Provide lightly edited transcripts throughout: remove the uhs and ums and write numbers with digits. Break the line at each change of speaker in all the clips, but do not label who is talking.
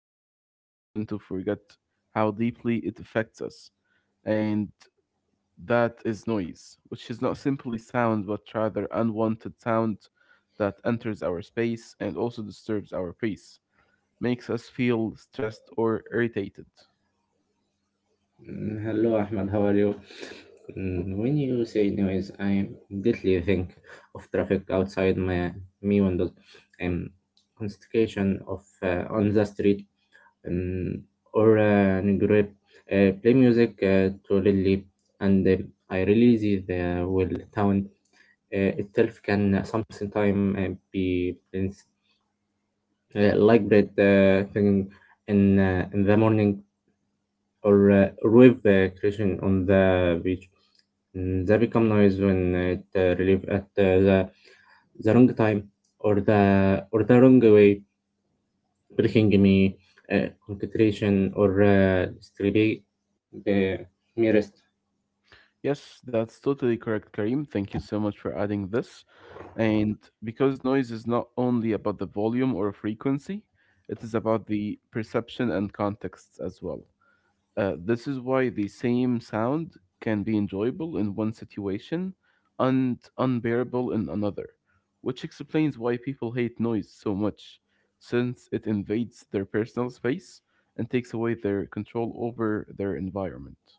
common and very often to forget how deeply it affects us. And that is noise, which is not simply sound but rather unwanted sound that enters our space and also disturbs our peace, makes us feel stressed or irritated.
Hello Ahmad, how are you? When you say noise, I immediately think of traffic outside my me windows and congestion of on the street um, or grip. Play music to relieve, and I realize the well town itself can sometimes be like that thing in in the morning or wave crashing on the beach. They become noise when it relief at the wrong time or the wrong way, breaking me concentration or distribute the merest.
Yes, that's totally correct, Karim. Thank you so much for adding this. And because noise is not only about the volume or frequency, it is about the perception and contexts as well. This is why the same sound can be enjoyable in one situation and unbearable in another, which explains why people hate noise so much, since it invades their personal space and takes away their control over their environment.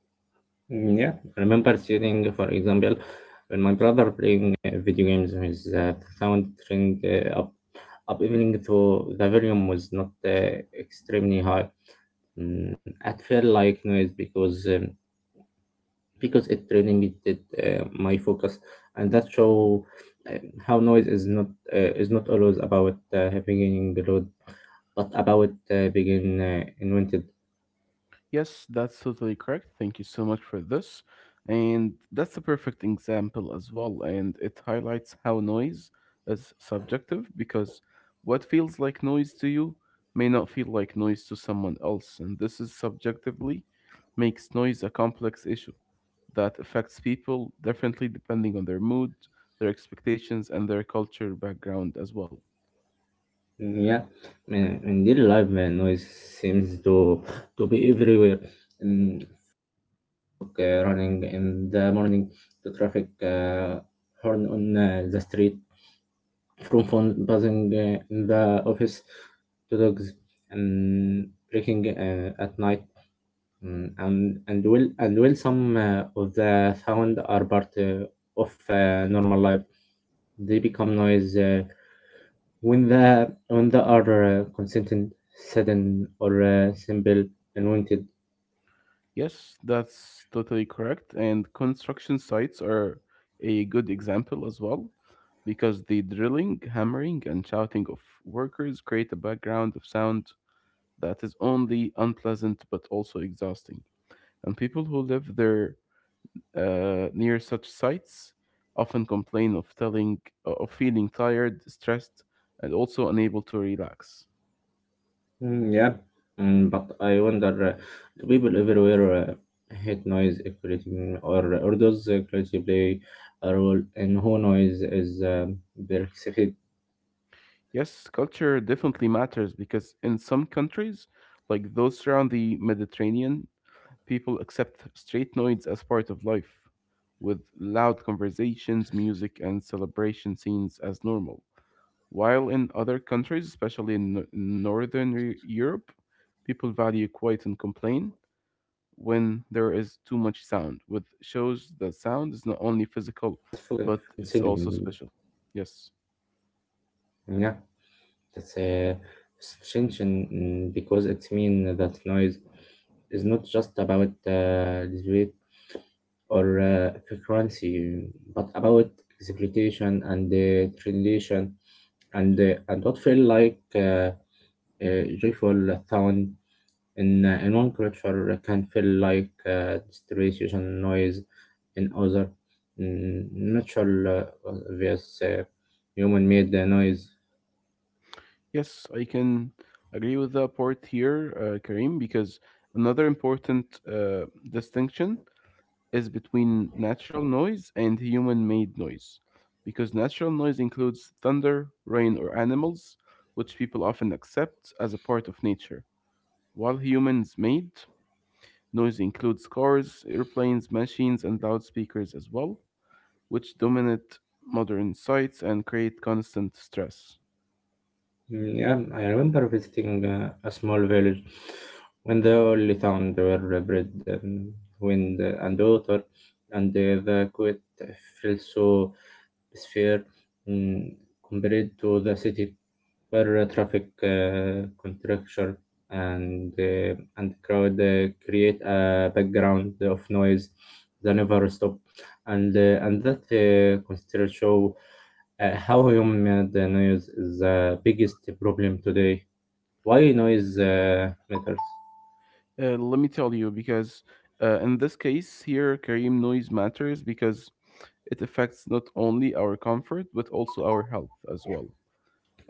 Mm, yeah, I remember sitting, for example, when my brother playing video games, his the sound turned up evening, so the volume was not extremely high. It felt like noise because it really needed my focus, and that show uh, how noise is not always about beginning the road but about being invented.
Yes, that's totally correct. Thank you so much for this. And that's a perfect example as well. And it highlights how noise is subjective because what feels like noise to you may not feel like noise to someone else. And this is subjectively makes noise a complex issue that affects people differently depending on their mood, their expectations, and their culture background as well.
Yeah, man, in daily life, man, noise seems to be everywhere in running in the morning, the traffic horn on the street, from phone buzzing in the office to dogs and breaking at night. And will some of the sound are part of normal life, they become noise when they are consistent, sudden, or simple, and
Yes, that's totally correct. And construction sites are a good example as well, because the drilling, hammering, and shouting of workers create a background of sound that is only unpleasant but also exhausting. And people who live there near such sites often complain of telling of feeling tired, stressed, and also unable to relax.
mm, yeah. But I wonder, do people everywhere hate noise creating, or does creativity play a role in who noise is perceived?
Yes, culture definitely matters because in some countries, like those around the Mediterranean, people accept straight noids as part of life, with loud conversations, music, and celebration scenes as normal. While in other countries, especially in Northern Europe, people value quiet and complain when there is too much sound,
Mm, yeah.
which shows that
That's
sound
for
is not only
consent.
physical, but it's also special. Yes.
Yeah. That's a distinction. Because it means that noise is not just about debate or frequency, but about exploitation and tradition, and what feel like joyful sound in in one culture can feel like distraction noise in other. Natural versus human made noise.
Yes, I can agree with the part here, Karim, because another important distinction is between natural noise and human made noise. Because natural noise includes thunder, rain, or animals, which people often accept as a part of nature. While humans made noise includes cars, airplanes, machines, and loudspeakers as well, which dominate modern sites and create constant stress.
Mm, yeah, I remember visiting a small village when the only sound were bread and wind and water, and the quiet felt so sphere, mm, compared to the city where traffic contraction and crowd create a background of noise that never stop, and that consider show how human-made noise is the biggest problem today. Why noise matters?
Let me tell you, because in this case here, Kareem noise matters because it affects not only our comfort but also our health as well.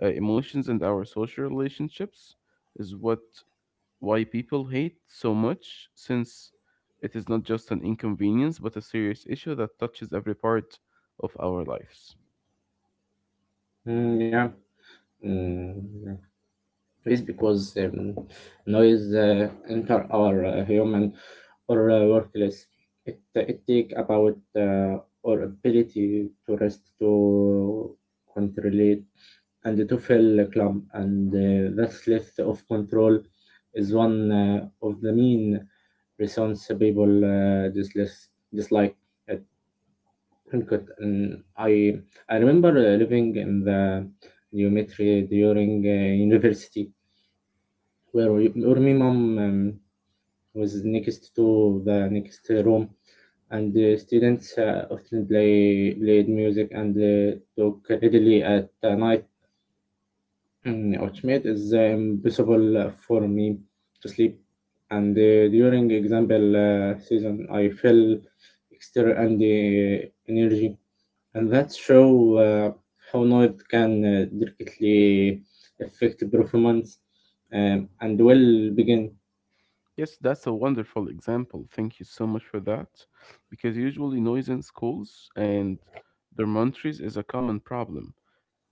Emotions and our social relationships is what why people hate so much, since it is not just an inconvenience but a serious issue that touches every part of our lives.
Mm, yeah. Mm, yeah. It's because noise enter our human or workplace. It take about our ability to rest, to control it and to feel club, and that left of control is one of the main reasons people dislike it. Well, good. And I remember living in the dormitory during university, where my mom was next to the next room, and the students often played music and talk readily at the night, which made it impossible for me to sleep. And during example season, I felt extra and energy, and that show how noise can directly affect performance and well begin.
Yes, that's a wonderful example. Thank you so much for that, because usually noise in schools and dormitories is a common problem.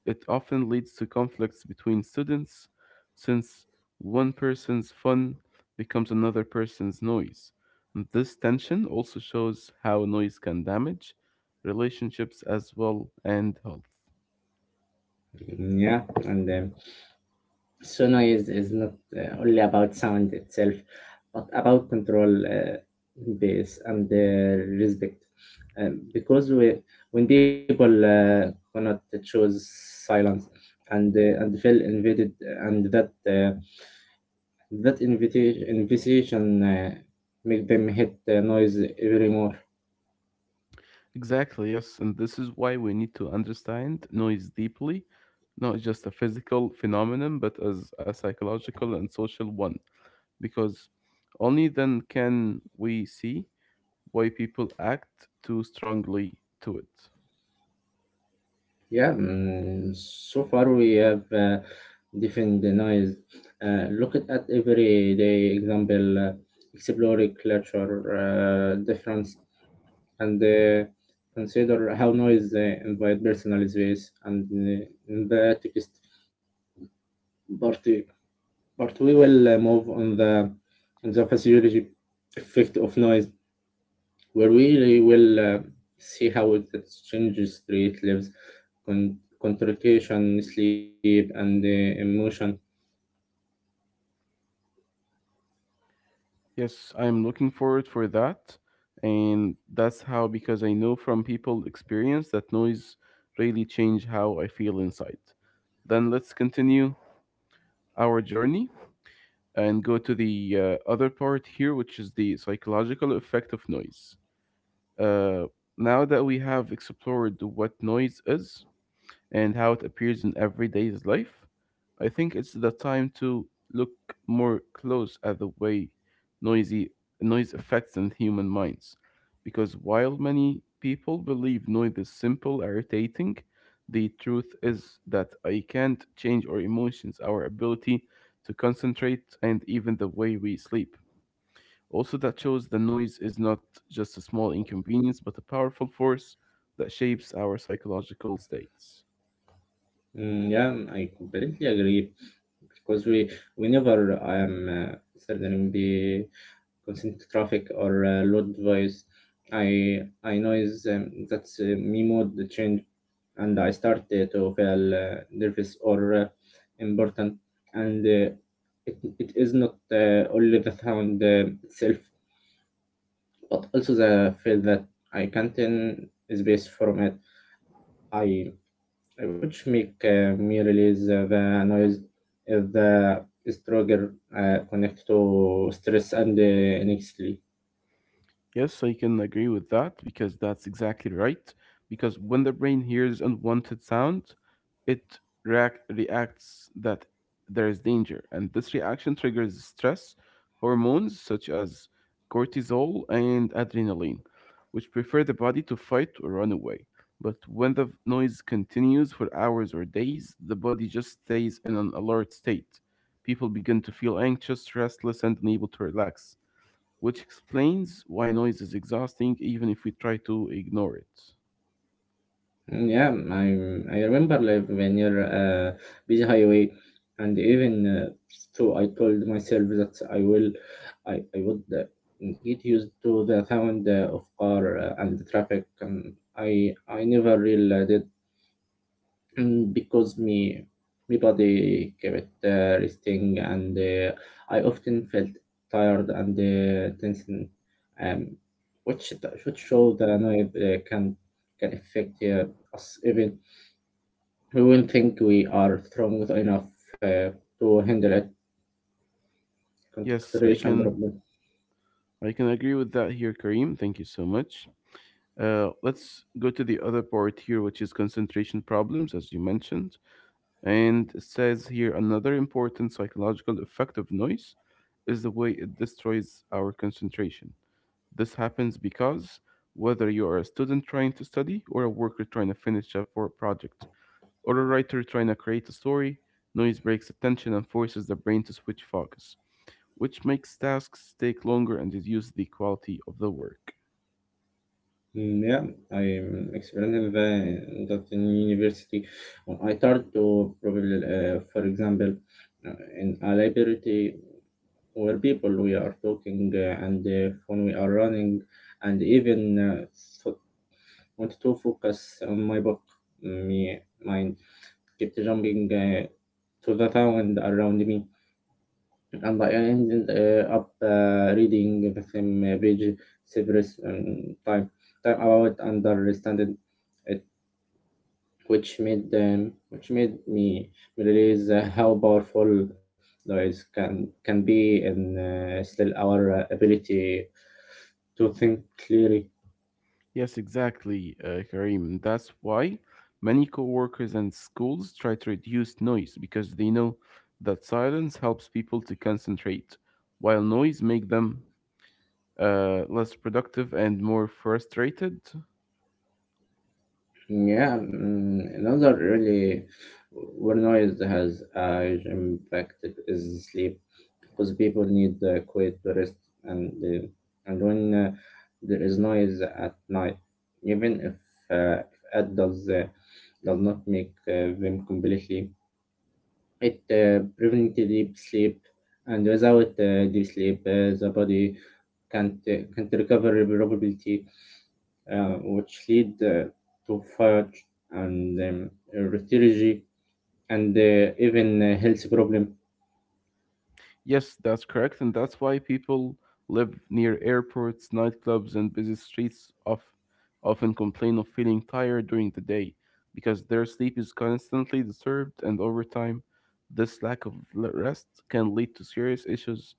It often leads to conflicts between students since one person's fun becomes another person's noise. This tension also shows how noise can damage relationships as well and health.
Mm, yeah, and so noise is not only about sound itself, but about control base and respect. Because when people cannot choose silence and feel invaded, and that invitation make them hate the noise even more.
Exactly, yes, and this is why we need to understand noise deeply, not just a physical phenomenon, but as a psychological and social one because only then can we see why people act too strongly to it.
Yeah. So far we have defined the noise. Look at everyday example, exploring culture difference, and consider how noise invite personal space and in the text part. But we will move on the physiology effect of noise where we will see how it changes street lives, concentration, sleep, and emotion.
Yes, I'm looking forward for that. And that's how, because I know from people experience that noise really change how I feel inside. Then let's continue our journey and go to the other part here, which is the psychological effect of noise. Uh, now that we have explored what noise is, and how it appears in everyday life, I think it's the time to look more close at the way noisy noise affects in human minds. Because while many people believe noise is simple, irritating, the truth is that I can't change our emotions, our ability to concentrate, and even the way we sleep. Also, that shows the noise is not just a small inconvenience, but a powerful force that shapes our psychological states.
Mm, yeah, I completely agree because we whenever I am certainly be constant traffic or loud voice. I noise that's me mood change, and I start to feel nervous or important, and it is not only the sound itself but also the feel that I can't in space from it. I Which make me release the noise if the stronger connect to stress and anxiety.
Yes, I can agree with that because that's exactly right. Because when the brain hears unwanted sound, it reacts that there is danger, and this reaction triggers stress hormones such as cortisol and adrenaline, which prepare the body to fight or run away. But when the noise continues for hours or days, the body just stays in an alert state. People begin to feel anxious, restless, and unable to relax which explains why noise is exhausting even if we try to ignore it.
Mm, yeah, I I remember like when you're busy highway, and even so, I told myself that I would get used to the sound of car and the traffic, and I never really did. Because me my body kept resting and I often felt tired and tension, um, which which show that I know it, can affect us even we won't think we are strong enough to handle it
Yes,
concentration problem.
I can agree with that here, Kareem. Thank you so much. Let's go to the other part here, which is concentration problems, as you mentioned. And it says here another important psychological effect of noise is the way it destroys our concentration. This happens because whether you are a student trying to study or a worker trying to finish a project, or a writer trying to create a story, noise breaks attention and forces the brain to switch focus, which makes tasks take longer and reduce the quality of the work.
Yeah, I am experiencing that in university when I started to probably for example in a library, we people we are talking and when we are running and even th- want to focus on my book, my mind kept jumping to the sound around me, and I ended up reading the same page several time about understanding it, which made me realize how powerful noise can be in still our ability to think clearly.
Yes, exactly, Karim. That's why many coworkers and schools try to reduce noise because they know that silence helps people to concentrate, while noise make them less productive and more frustrated.
Yeah. Another really where noise has a huge impact is sleep, because people need quiet to rest, and uh, and when there is noise at night, even if it does not make them completely, it prevents deep sleep. And without deep sleep, the body can't recover probability, which lead to fire and retology, and even health problem.
Yes, that's correct, and that's why people live near airports, nightclubs, and busy streets of, often complain of feeling tired during the day because their sleep is constantly disturbed, and over time, this lack of rest can lead to serious issues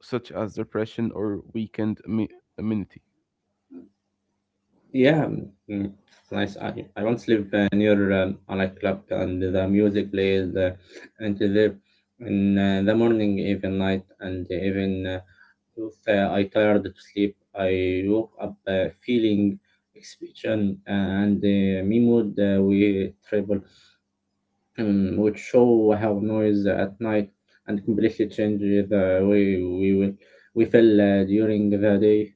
such as depression or weakened immunity.
Yeah. It's nice. I once live near a nightclub, and the music plays until there in the morning, even night, and even if I tired to sleep, I woke up feeling exhaustion and me mood we travel would show how noise at night and completely change the way we feel during the day.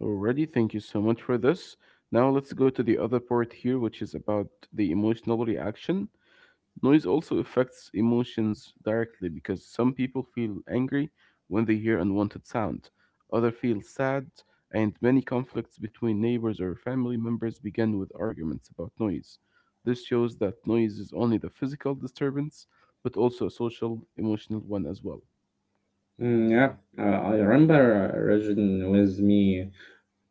Alrighty, thank you so much for this. Now let's go to the other part here, which is about the emotional reaction. Noise also affects emotions directly because some people feel angry when they hear unwanted sound, others feel sad, and many conflicts between neighbors or family members begin with arguments about noise. This shows that noise is only the physical disturbance, but also a social, emotional one as well.
Yeah, I remember Rajan with me,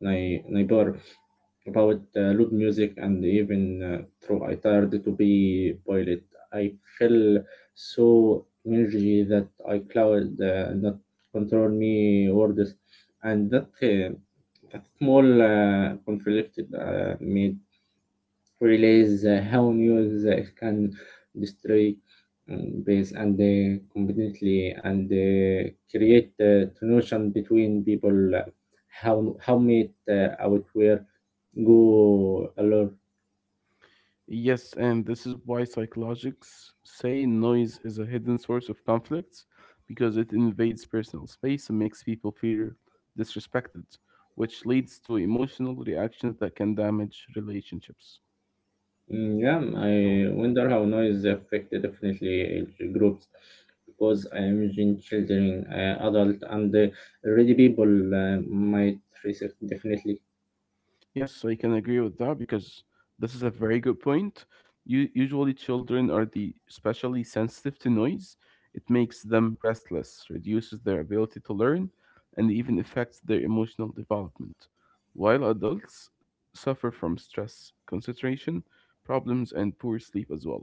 my neighbor, about loud music, and even through I tired to be boiled. I feel so energy that I cloud not control me words, and that small conflict made realize how news can destroy peace and completely, and create tension between people, how meet out where go alone.
Yes, and this is why psychologists say noise is a hidden source of conflicts because it invades personal space and makes people feel disrespected, which leads to emotional reactions that can damage relationships.
Yeah, I wonder how noise affect definitely groups, because I imagine children, adult, and already people might research definitely.
Yes, so I can agree with that because this is a very good point. Usually, children are the especially sensitive to noise. It makes them restless, reduces their ability to learn, and even affects their emotional development. While adults suffer from stress, concentration problems, and poor sleep as well.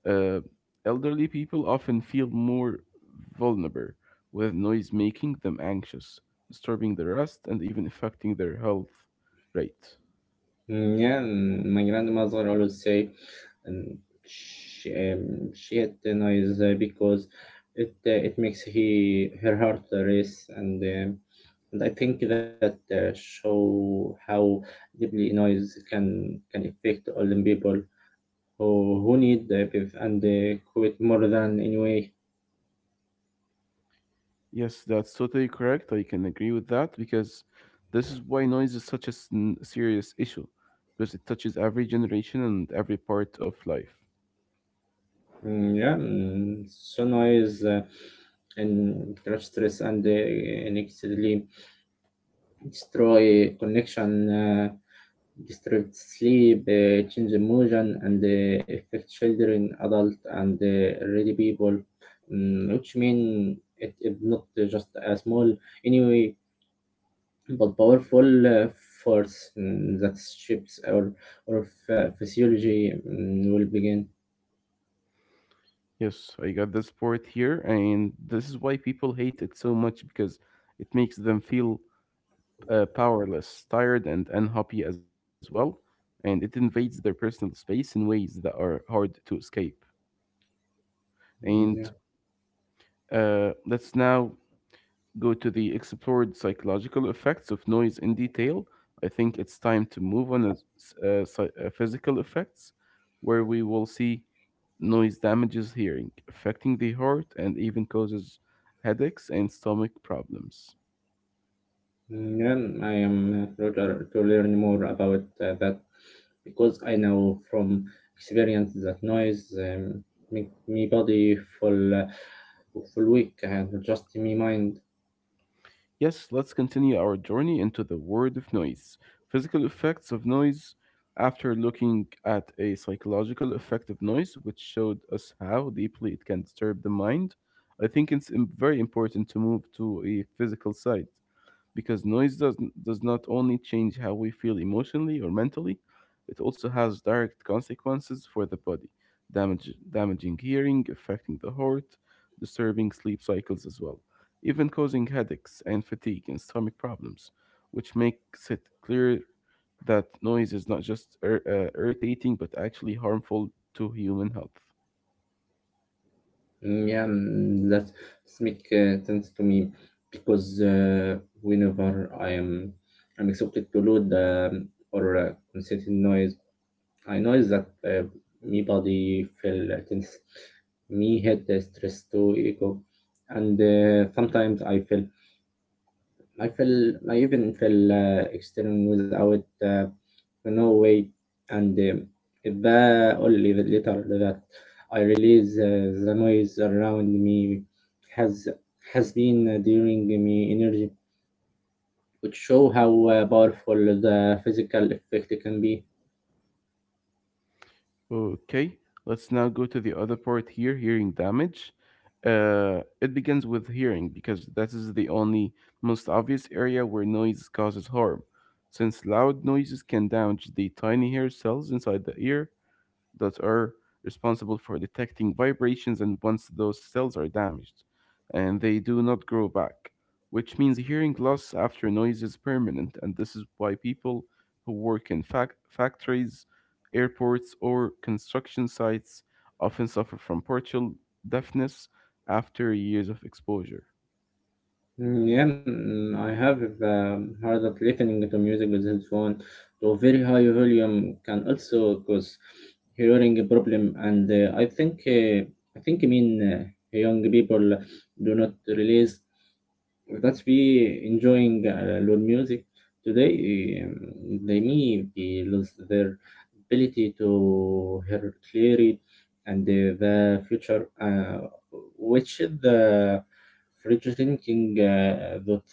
Uh, elderly people often feel more vulnerable, with noise making them anxious, disturbing their rest, and even affecting their health rate.
Mm, yeah. My grandmother always say, and she had the noise because it makes he her heart race, and I think that show how deeply noise can affect all the people who need the PIV and they quit more than anyway.
Yes, that's totally correct. I can agree with that because this is why noise is such a serious issue because it touches every generation and every part of life.
Mm, yeah. So noise and crush stress and excellently destroy connection, disturb sleep, change emotion, and affect children, adult, and already people, which mean it is not just a small anyway, but powerful force, that shapes our physiology will begin.
Yes, I got this part here, and this is why people hate it so much because it makes them feel powerless, tired, and unhappy as well. And it invades their personal space in ways that are hard to escape.
Mm,
And
yeah.
let's now go to the explored psychological effects of noise in detail, I think it's time to move on to physical effects, where we will see noise damages hearing, affecting the heart, and even causes headaches and stomach problems.
Yeah, I am proud to learn more about that, because I know from experience that noise make me body full weak and just me mind.
Yes, let's continue our journey into the world of noise, physical effects of noise, after looking at a psychological effect of noise, which showed us how deeply it can disturb the mind. I think it's very important to move to a physical side because noise does not only change how we feel emotionally or mentally, it also has direct consequences for the body, damaging hearing, affecting the heart, disturbing sleep cycles as well, even causing headaches and fatigue and stomach problems, which makes it clear that noise is not just irritating but actually harmful to human health.
Mm, yeah. That makes sense to me because whenever I'm accepted to load or concerting noise, I know that me body feel tense, me head stress to echo, and sometimes I even feel external without. No way. And Ba only later that I realize the noise around me has has been during me energy, which show how powerful the physical effect can be.
Okay, let's now go to the other part here, hearing damage. It begins with hearing because that is the only most obvious area where noise causes harm. Since loud noises can damage the tiny hair cells inside the ear, that are responsible for detecting vibrations and once those cells are damaged and they do not grow back which means hearing loss after noise is permanent and this is why people who work in factories airports or construction sites often suffer from partial deafness after years of exposure.
Mm, yeah. I have heard that listening to music with headphone to a very high volume can also cause hearing a problem, and I think I mean young people do not realize that's we enjoying loud music today. They may be lose their ability to hear clearly and the future, which is the frustrating that.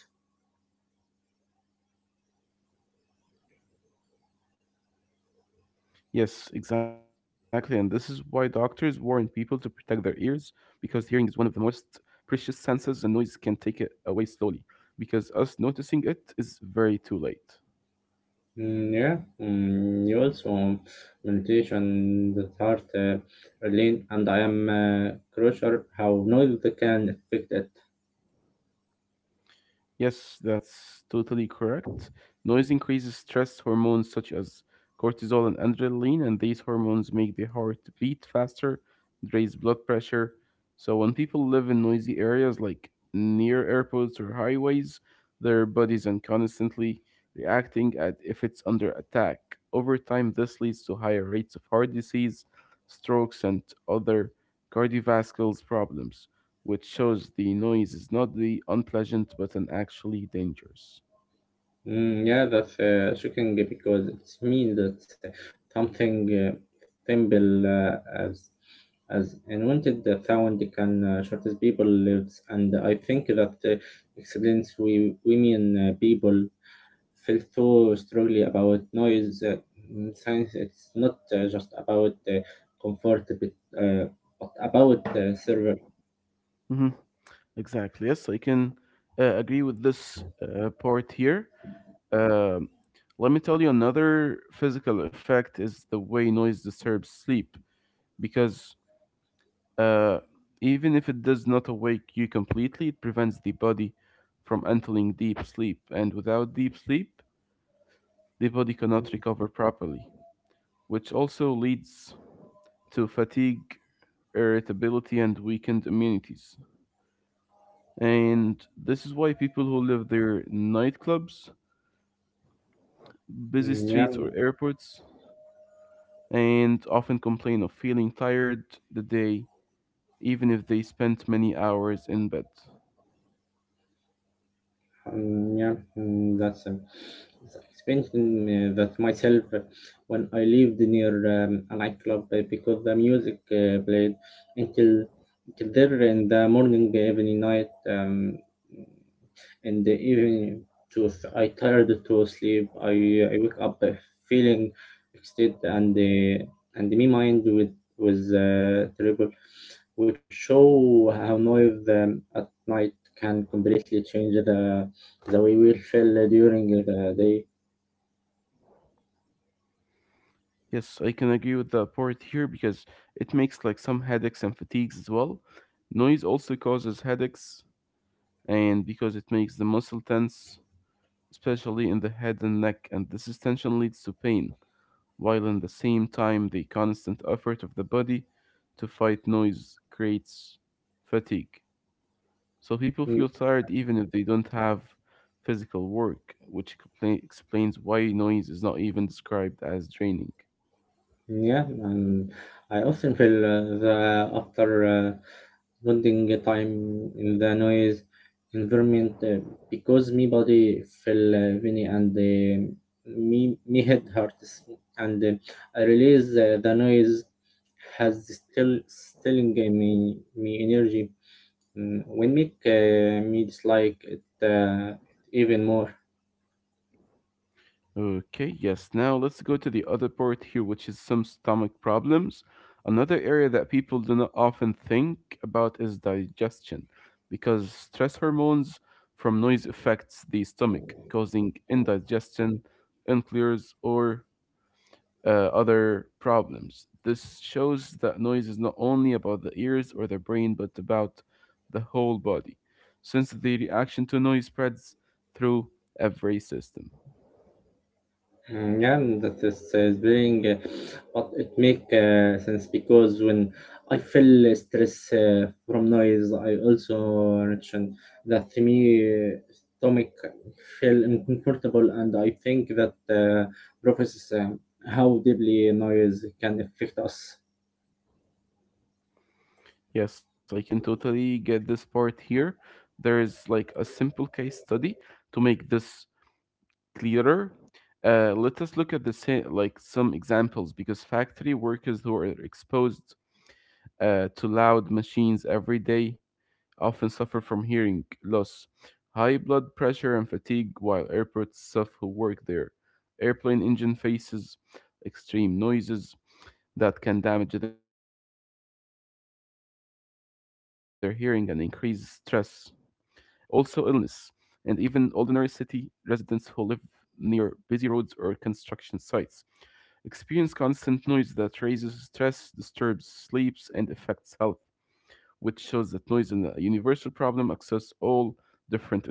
Yes, exactly. And this is why doctors warn people to protect their ears because hearing is one of the most precious senses, and noise can take it away slowly because us noticing it is very too late.
Yeah. You also meditation the heart lane, and I am crucial how noise can affect it.
Yes, that's totally correct. Noise increases stress hormones such as cortisol and adrenaline, and these hormones make the heart beat faster, raise blood pressure. So when people live in noisy areas like near airports or highways, their bodies are constantly reacting at if it's under attack. Over time, this leads to higher rates of heart disease, strokes, and other cardiovascular problems which shows the noise is not the unpleasant but an actually dangerous.
Mm, yeah, that's shocking, because it means that something simple as invented the sound can shortest people lives, and I think that excellence we women people feel so strongly about noise. Science, it's not just about comfort, uh, but about server.
Mhm. Exactly. Yes, I can agree with this part here. Um Let me tell you another physical effect is the way noise disturbs sleep because uh, even if it does not awake you completely, it prevents the body from entering deep sleep, and without deep sleep, the body cannot recover properly, which also leads to fatigue irritability, and weakened immunities. And this is why people who live near nightclubs, busy
Mm, yeah,
streets, or airports, and often complain of feeling tired the day, even if they spent many hours in bed.
mm, yeah, mm, that's. Experiencing that myself when I lived near a nightclub because the music played until until there in the morning, evening, night, and the evening. To I tired to sleep. I wake up feeling exhausted and my mind with was terrible, which show how noise at night can completely change the way we feel during the day.
Yes, I can agree with that part here because it makes like some headaches and fatigues as well. Noise also causes headaches, and because it makes the muscle tense, especially in the head and neck, and this is tension leads to pain while in the same time the constant effort of the body to fight noise creates fatigue. So people
Mm,
feel tired even if they don't have physical work, which explains why noise is not even described as draining.
Yeah, and I often feel that after spending time in the noise environment, because me body feel funny and uh, me head hurts, and I realize the noise has still stealing uh, me energy. When make me dislike it even more.
Okay, yes. Now let's go to the other part here, which is some stomach problems. Another area that people do not often think about is digestion, because stress hormones from noise affects the stomach, causing indigestion, unclears, or other problems. This shows that noise is not only about the ears or the brain, but about the whole body, since the reaction to noise spreads through every system.
Yeah, and that is being, but it make sense because when I feel stress from noise, I also mentioned that to me stomach feel uncomfortable, and I think that professors how deeply noise can affect us.
Yes, I can totally get this part here. There is like a simple case study to make this clearer. Let us look at the same, like some examples because factory workers who are exposed to loud machines every day often suffer from hearing loss, high blood pressure, and fatigue, while airport staff who work there. Airplane engine faces extreme noises that can damage their hearing and increase stress. Also, illness, and even ordinary city residents who live near busy roads or construction sites experience constant noise that raises stress, disturbs sleeps, and affects health, which shows that noise is a universal problem across all different environments.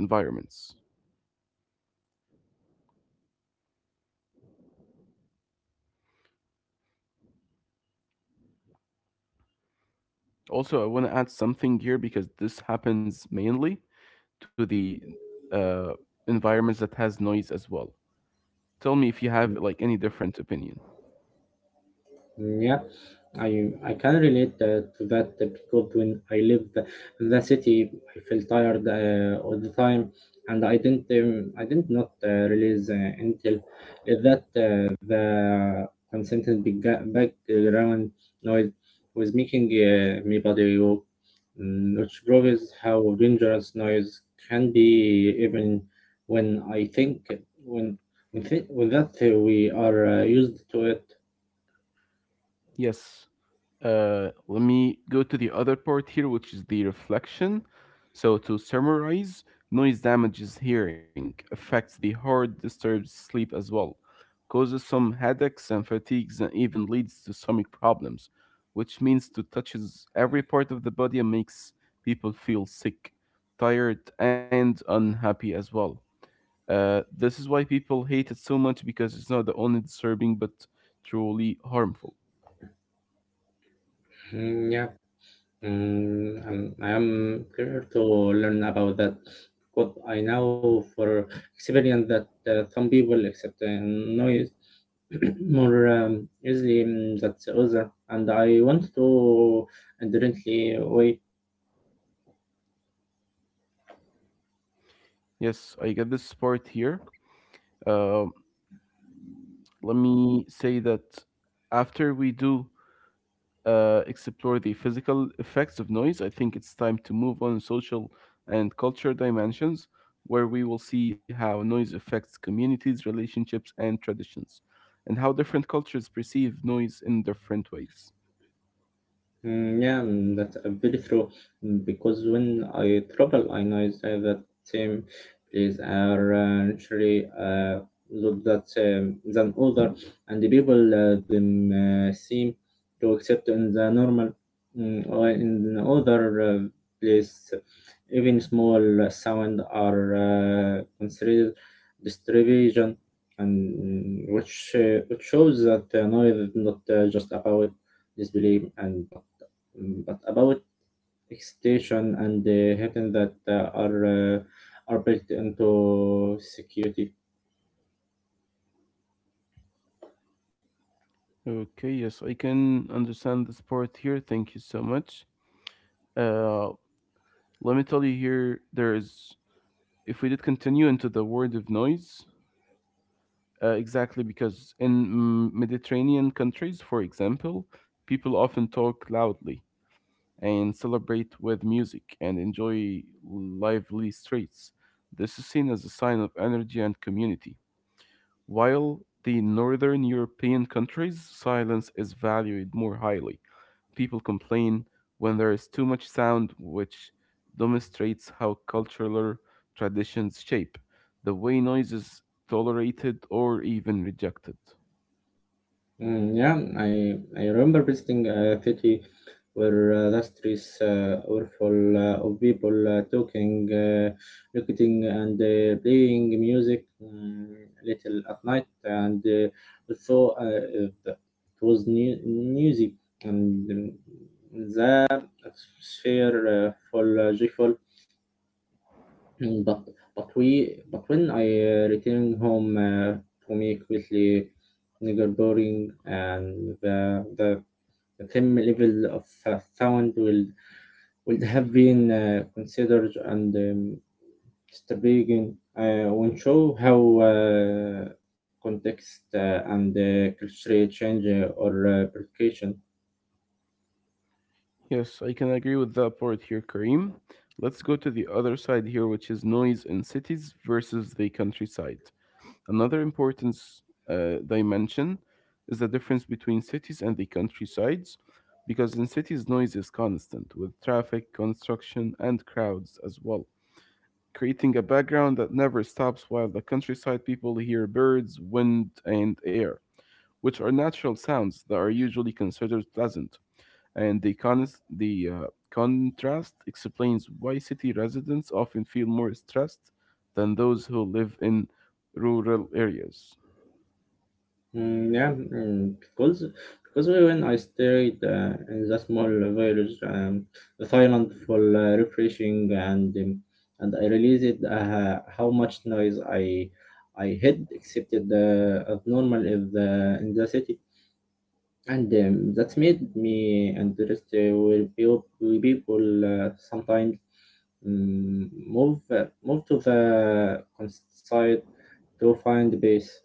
Also, I want to add something here because this happens mainly to the uh, environments that has noise as well. Tell me if you have like any different opinion.
Yeah, I can relate to that because when I lived in the city, I felt tired all the time, and I did not realize until that the constant background noise was making me body work, which proves how dangerous noise can be even when I think when when, th- when that we are used to it.
Yes. Let me go to the other part here, which is the reflection. So, to summarize, noise damages hearing, affects the heart, disturbs sleep as well, causes some headaches and fatigues, and even leads to stomach problems, which means to touches every part of the body and makes people feel sick, tired, and unhappy as well. This is why people hate it so much because it's not only disturbing but truly harmful.
Mm, yeah. I'm curious to learn about that. But I know for experience that some people accept noise more easily than others, and I want to differently way.
Yes, I get this part here. Um Let me say that after we do explore the physical effects of noise, I think it's time to move on social and culture dimensions, where we will see how noise affects communities, relationships, and traditions, and how different cultures perceive noise in different ways.
Yeah, that's very true. Because when I travel, I notice that the same place are naturally look that than other, and the people them seem to accept in the normal, or in the other place, even small sound are considered distribution, and which shows that noise is not just about disbelief and but, but about extension and the hackers that are built into security.
Okay, yes, I can understand this part here. Thank you so much. Uh, let me tell you here, there is, if we did continue into the word of noise, exactly because in Mediterranean countries, for example, people often talk loudly and celebrate with music and enjoy lively streets. This is seen as a sign of energy and community. While the northern European countries, silence is valued more highly people complain when there is too much sound, which demonstrates how cultural traditions shape the way noise is tolerated or even rejected.
Yeah, I remember visiting a city where the streets were full of people talking, looking, and playing music, little at night, and so it was new, music and, the atmosphere full joyful. Mm, but we but when I return home to me quickly nigger boring, and the same level of sound will would have been considered and, distributed, when show how context and cultural change or application.
Yes, I can agree with that part here, Kareem. Let's go to the other side here, which is noise in cities versus the countryside. Another important dimension is the difference between cities and the countrysides, because in cities, noise is constant, with traffic, construction, and crowds as well creating a background that never stops while the countryside people hear birds, wind, and air, which are natural sounds that are usually considered pleasant. And the, con the contrast explains why city residents often feel more stressed than those who live in rural areas.
Yeah, because when I stayed in that small village, the silent for refreshing, and I realized how much noise I had accepted as normal in the city, and that made me interested with with people sometimes move to the countryside to find peace.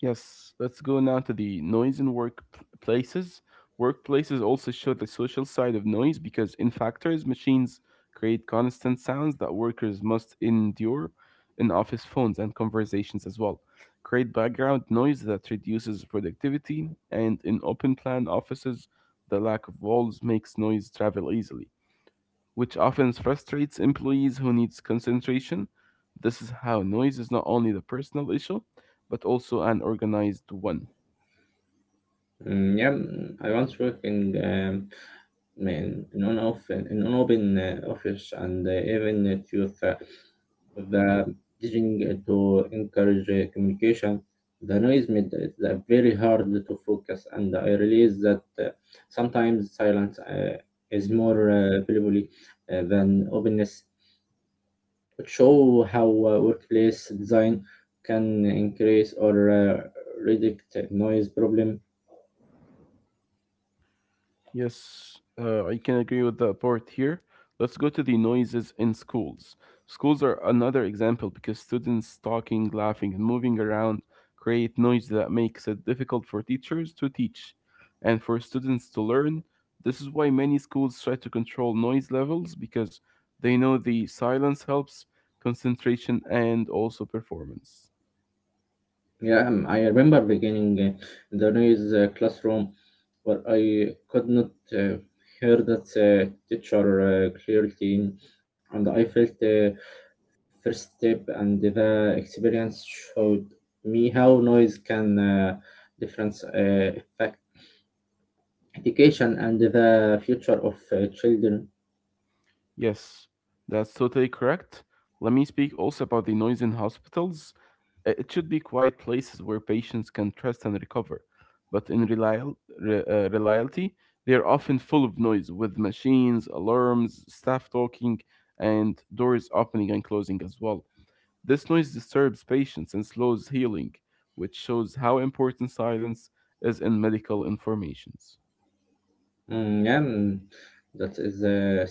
Yes, let's go now to the noise in workplaces. Workplaces also show the social side of noise because, in factors, machines create constant sounds that workers must endure in office phones and conversations as well. Create background noise that reduces productivity, and in open plan offices, the lack of walls makes noise travel easily which often frustrates employees who needs concentration. This is how noise is not only the personal issue, but also an organized one.
Yeah, I once working in an off in an open office and even at youth the teaching to encourage communication. The noise made it very hard to focus, and I realized that sometimes silence is more valuable than openness. It show how workplace design can increase or reduce noise problem.
Yes, I can agree with that part here. Let's go to the noises in schools. Schools are another example because students talking, laughing, and moving around create noise that makes it difficult for teachers to teach and for students to learn. This is why many schools try to control noise levels because they know the silence helps concentration and also performance.
Yeah, I remember beginning the noise classroom where I could not hear that teacher clearly, and I felt the first step, and the experience showed me how noise can difference affect education and the future of children.
Yes, that's totally correct. Let me speak also about the noise in hospitals. It should be quiet places where patients can trust and recover. But in reality, they are often full of noise with machines, alarms, staff talking, and doors opening and closing as well. This noise disturbs patients and slows healing, which shows how important silence is in medical informations.
Yeah, that is a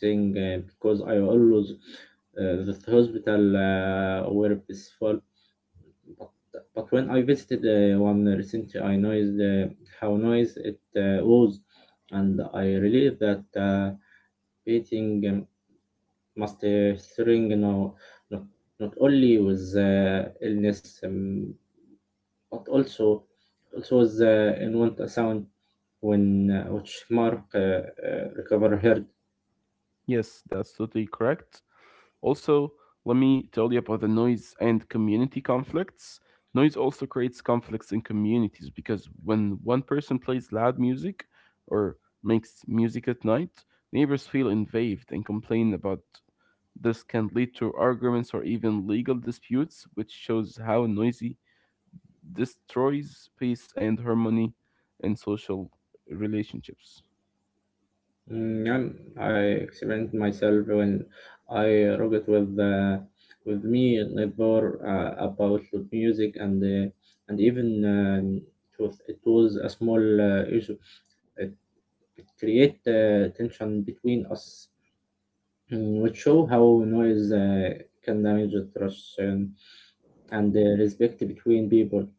thing because I always the hospital were peaceful. But but when I visited one recently, I noticed how noise it was, and I realized that painting, must string you not, not only with illness, but also also with in want a sound when, which Mark recover heard.
Yes, that's totally correct. Also, let me tell you about the noise and community conflicts. Noise also creates conflicts in communities because when one person plays loud music or makes music at night, neighbors feel invaded and complain about this can lead to arguments or even legal disputes, which shows how noisy destroys peace and harmony in social relationships.
And I experienced myself when I rocked with me neighbor about the music and, and even it was a small issue. It, it create tension between us, which show how noise can damage the trust and respect between people.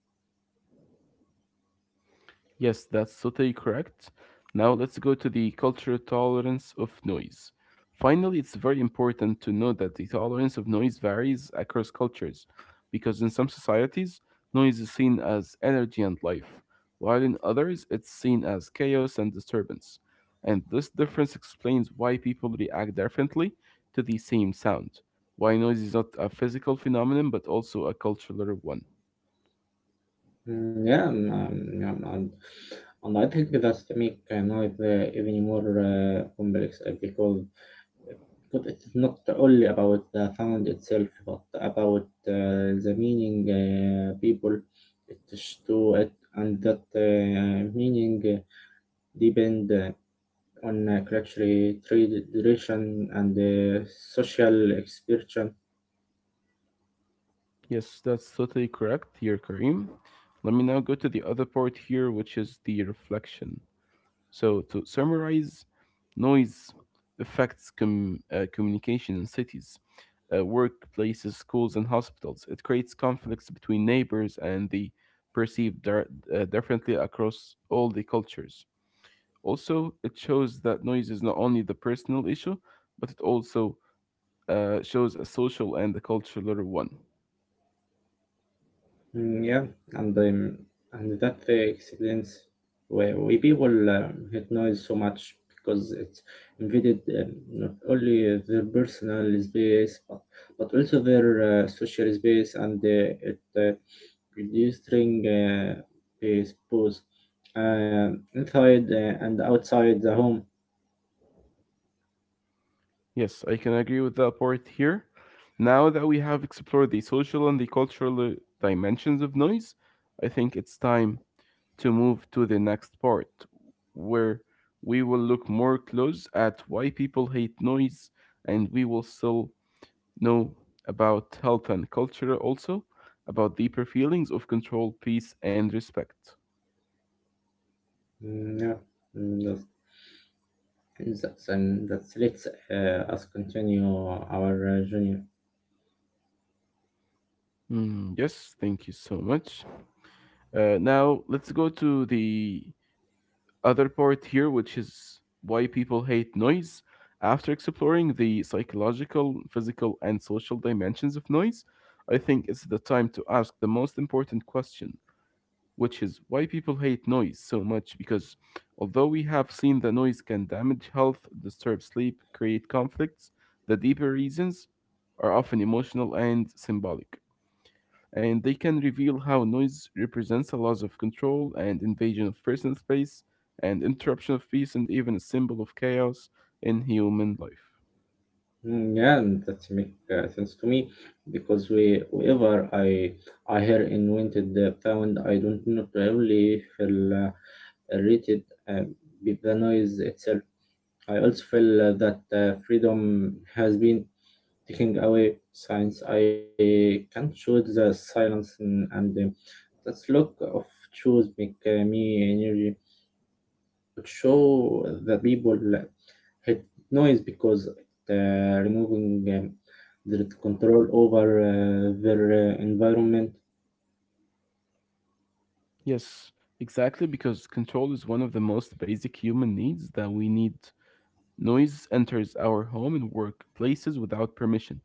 Yes, that's totally correct. Now let's go to the cultural tolerance of noise. Finally, it's very important to know that the tolerance of noise varies across cultures, because in some societies, noise is seen as energy and life, while in others, it's seen as chaos and disturbance. And this difference explains why people react differently to the same sound, why noise is not a physical phenomenon but also a cultural one.
Yeah, and I think that make night even more complex because uh, but it's not only about the sound itself, but about the meaning people attach to it, and that meaning depend on culture, tradition, and social expression.
Yes, that's totally correct here, Karim. Let me now go to the other part here, which is the reflection. So, to summarize, noise affects communication in cities, workplaces, schools, and hospitals. It creates conflicts between neighbors and the perceived dir- differently across all the cultures. Also, it shows that noise is not only the personal issue, but it also shows a social and a cultural one.
Yeah, and um, and that explains why people hate noise so much because it invaded, not only their personal space but also their social space and it reduced ring space both inside and outside the home.
Yes, I can agree with that part here. Now that we have explored the social and the cultural dimensions of noise, I think it's time to move to the next part where we will look more close at why people hate noise and we will still know about health and culture also, about deeper feelings of control, peace, and respect.
Yeah, mm, that's let's us continue our journey.
Mm, yes, thank you so much. Now let's go to the other part here, which is why people hate noise. After exploring the psychological, physical, and social dimensions of noise, I think it's the time to ask the most important question which is why people hate noise so much because although we have seen that noise can damage health, disturb sleep, create conflicts, the deeper reasons are often emotional and symbolic. And they can reveal how noise represents a loss of control and invasion of personal space and interruption of peace and even a symbol of chaos in human life.
Yeah, and that make sense to me because we, wherever I hear invented the sound, I don't not really feel rated with the noise itself. I also feel that freedom has been taking away since I can't choose the silence and that look of choose make me show the people had noise because it, removing their control over their environment.
Yes, exactly, because control is one of the most basic human needs that we need. Noise enters our home and workplaces without permission.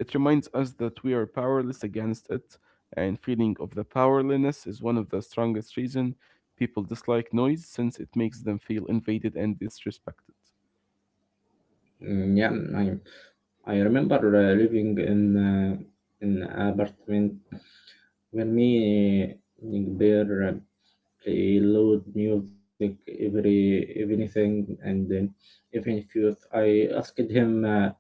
It reminds us that we are powerless against it, and feeling of the powerlessness is one of the strongest reason people dislike noise since it makes them feel invaded and disrespected.
Yeah, I, I remember living in an apartment where me and bear play loud music every anything and then even if you I asked him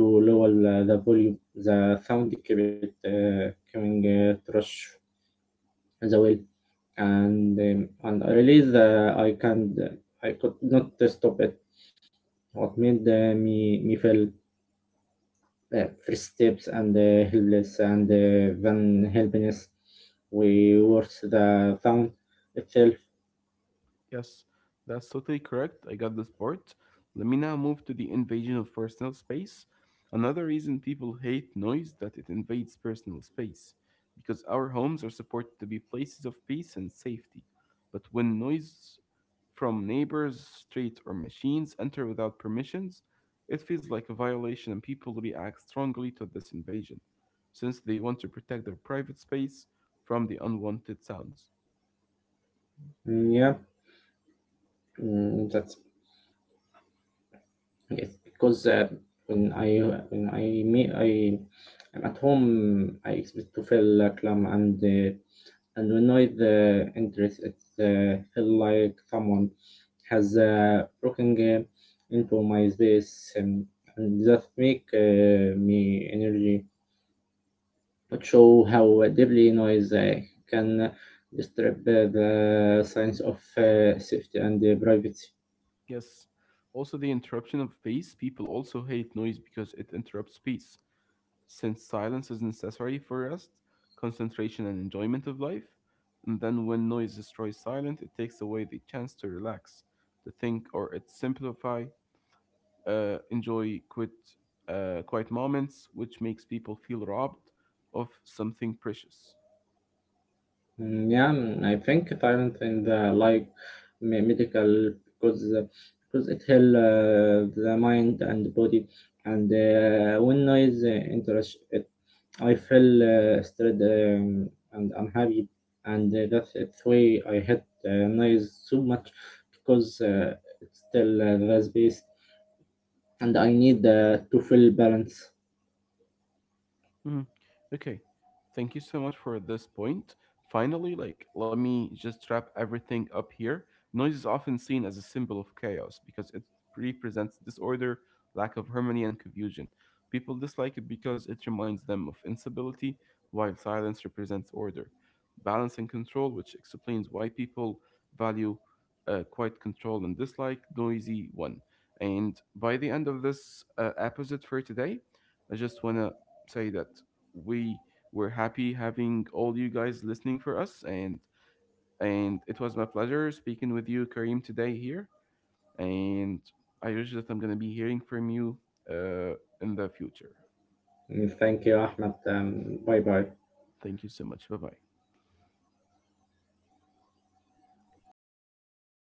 to lower the volume the sound kept coming trash the way and, and I realized that I could not stop it. What made uh, me feel first steps and helpless and then helplessness we worse the sound itself.
Yes, that's totally correct. I got this part. Let me now move to the invasion of personal space. Another reason people hate noise that it invades personal space, because our homes are supposed to be places of peace and safety. But when noise from neighbors, streets, or machines enter without permissions, it feels like a violation and people react strongly to this invasion, since they want to protect their private space from the unwanted sounds.
Yeah, that's yes because when I when I me I am at home, I expect to feel calm and, and when I the interest it feel like someone has broken into my space, and that make me energy, that show how deeply noise can disturb the sense of safety and privacy.
Yes. Also, the interruption of peace. People also hate noise because it interrupts peace. Since silence is necessary for rest, concentration, and enjoyment of life, and then when noise destroys silence, it takes away the chance to relax, to think, or it simplify, enjoy quiet moments, which makes people feel robbed of something precious.
Yeah, I think talent in the like medical because it help the mind and body and when noise interrupts it I feel stressed, and unhappy, and that's the way I hate noise so much because it's still the space, and I need to feel balance.
Mhm. Okay. Thank you so much for this point. Finally, like, let me just wrap everything up here. Noise is often seen as a symbol of chaos because it represents disorder, lack of harmony, and confusion. People dislike it because it reminds them of instability, while silence represents order, balance, and control, which explains why people value quiet control and dislike noisy one. And by the end of this episode for today, I just want to say that we were happy having all you guys listening for us and it was my pleasure speaking with you Karim, today here and I wish that I'm gonna be hearing from you uh in the future.
Thank you, Ahmed. Bye bye.
Thank you so much. Bye bye.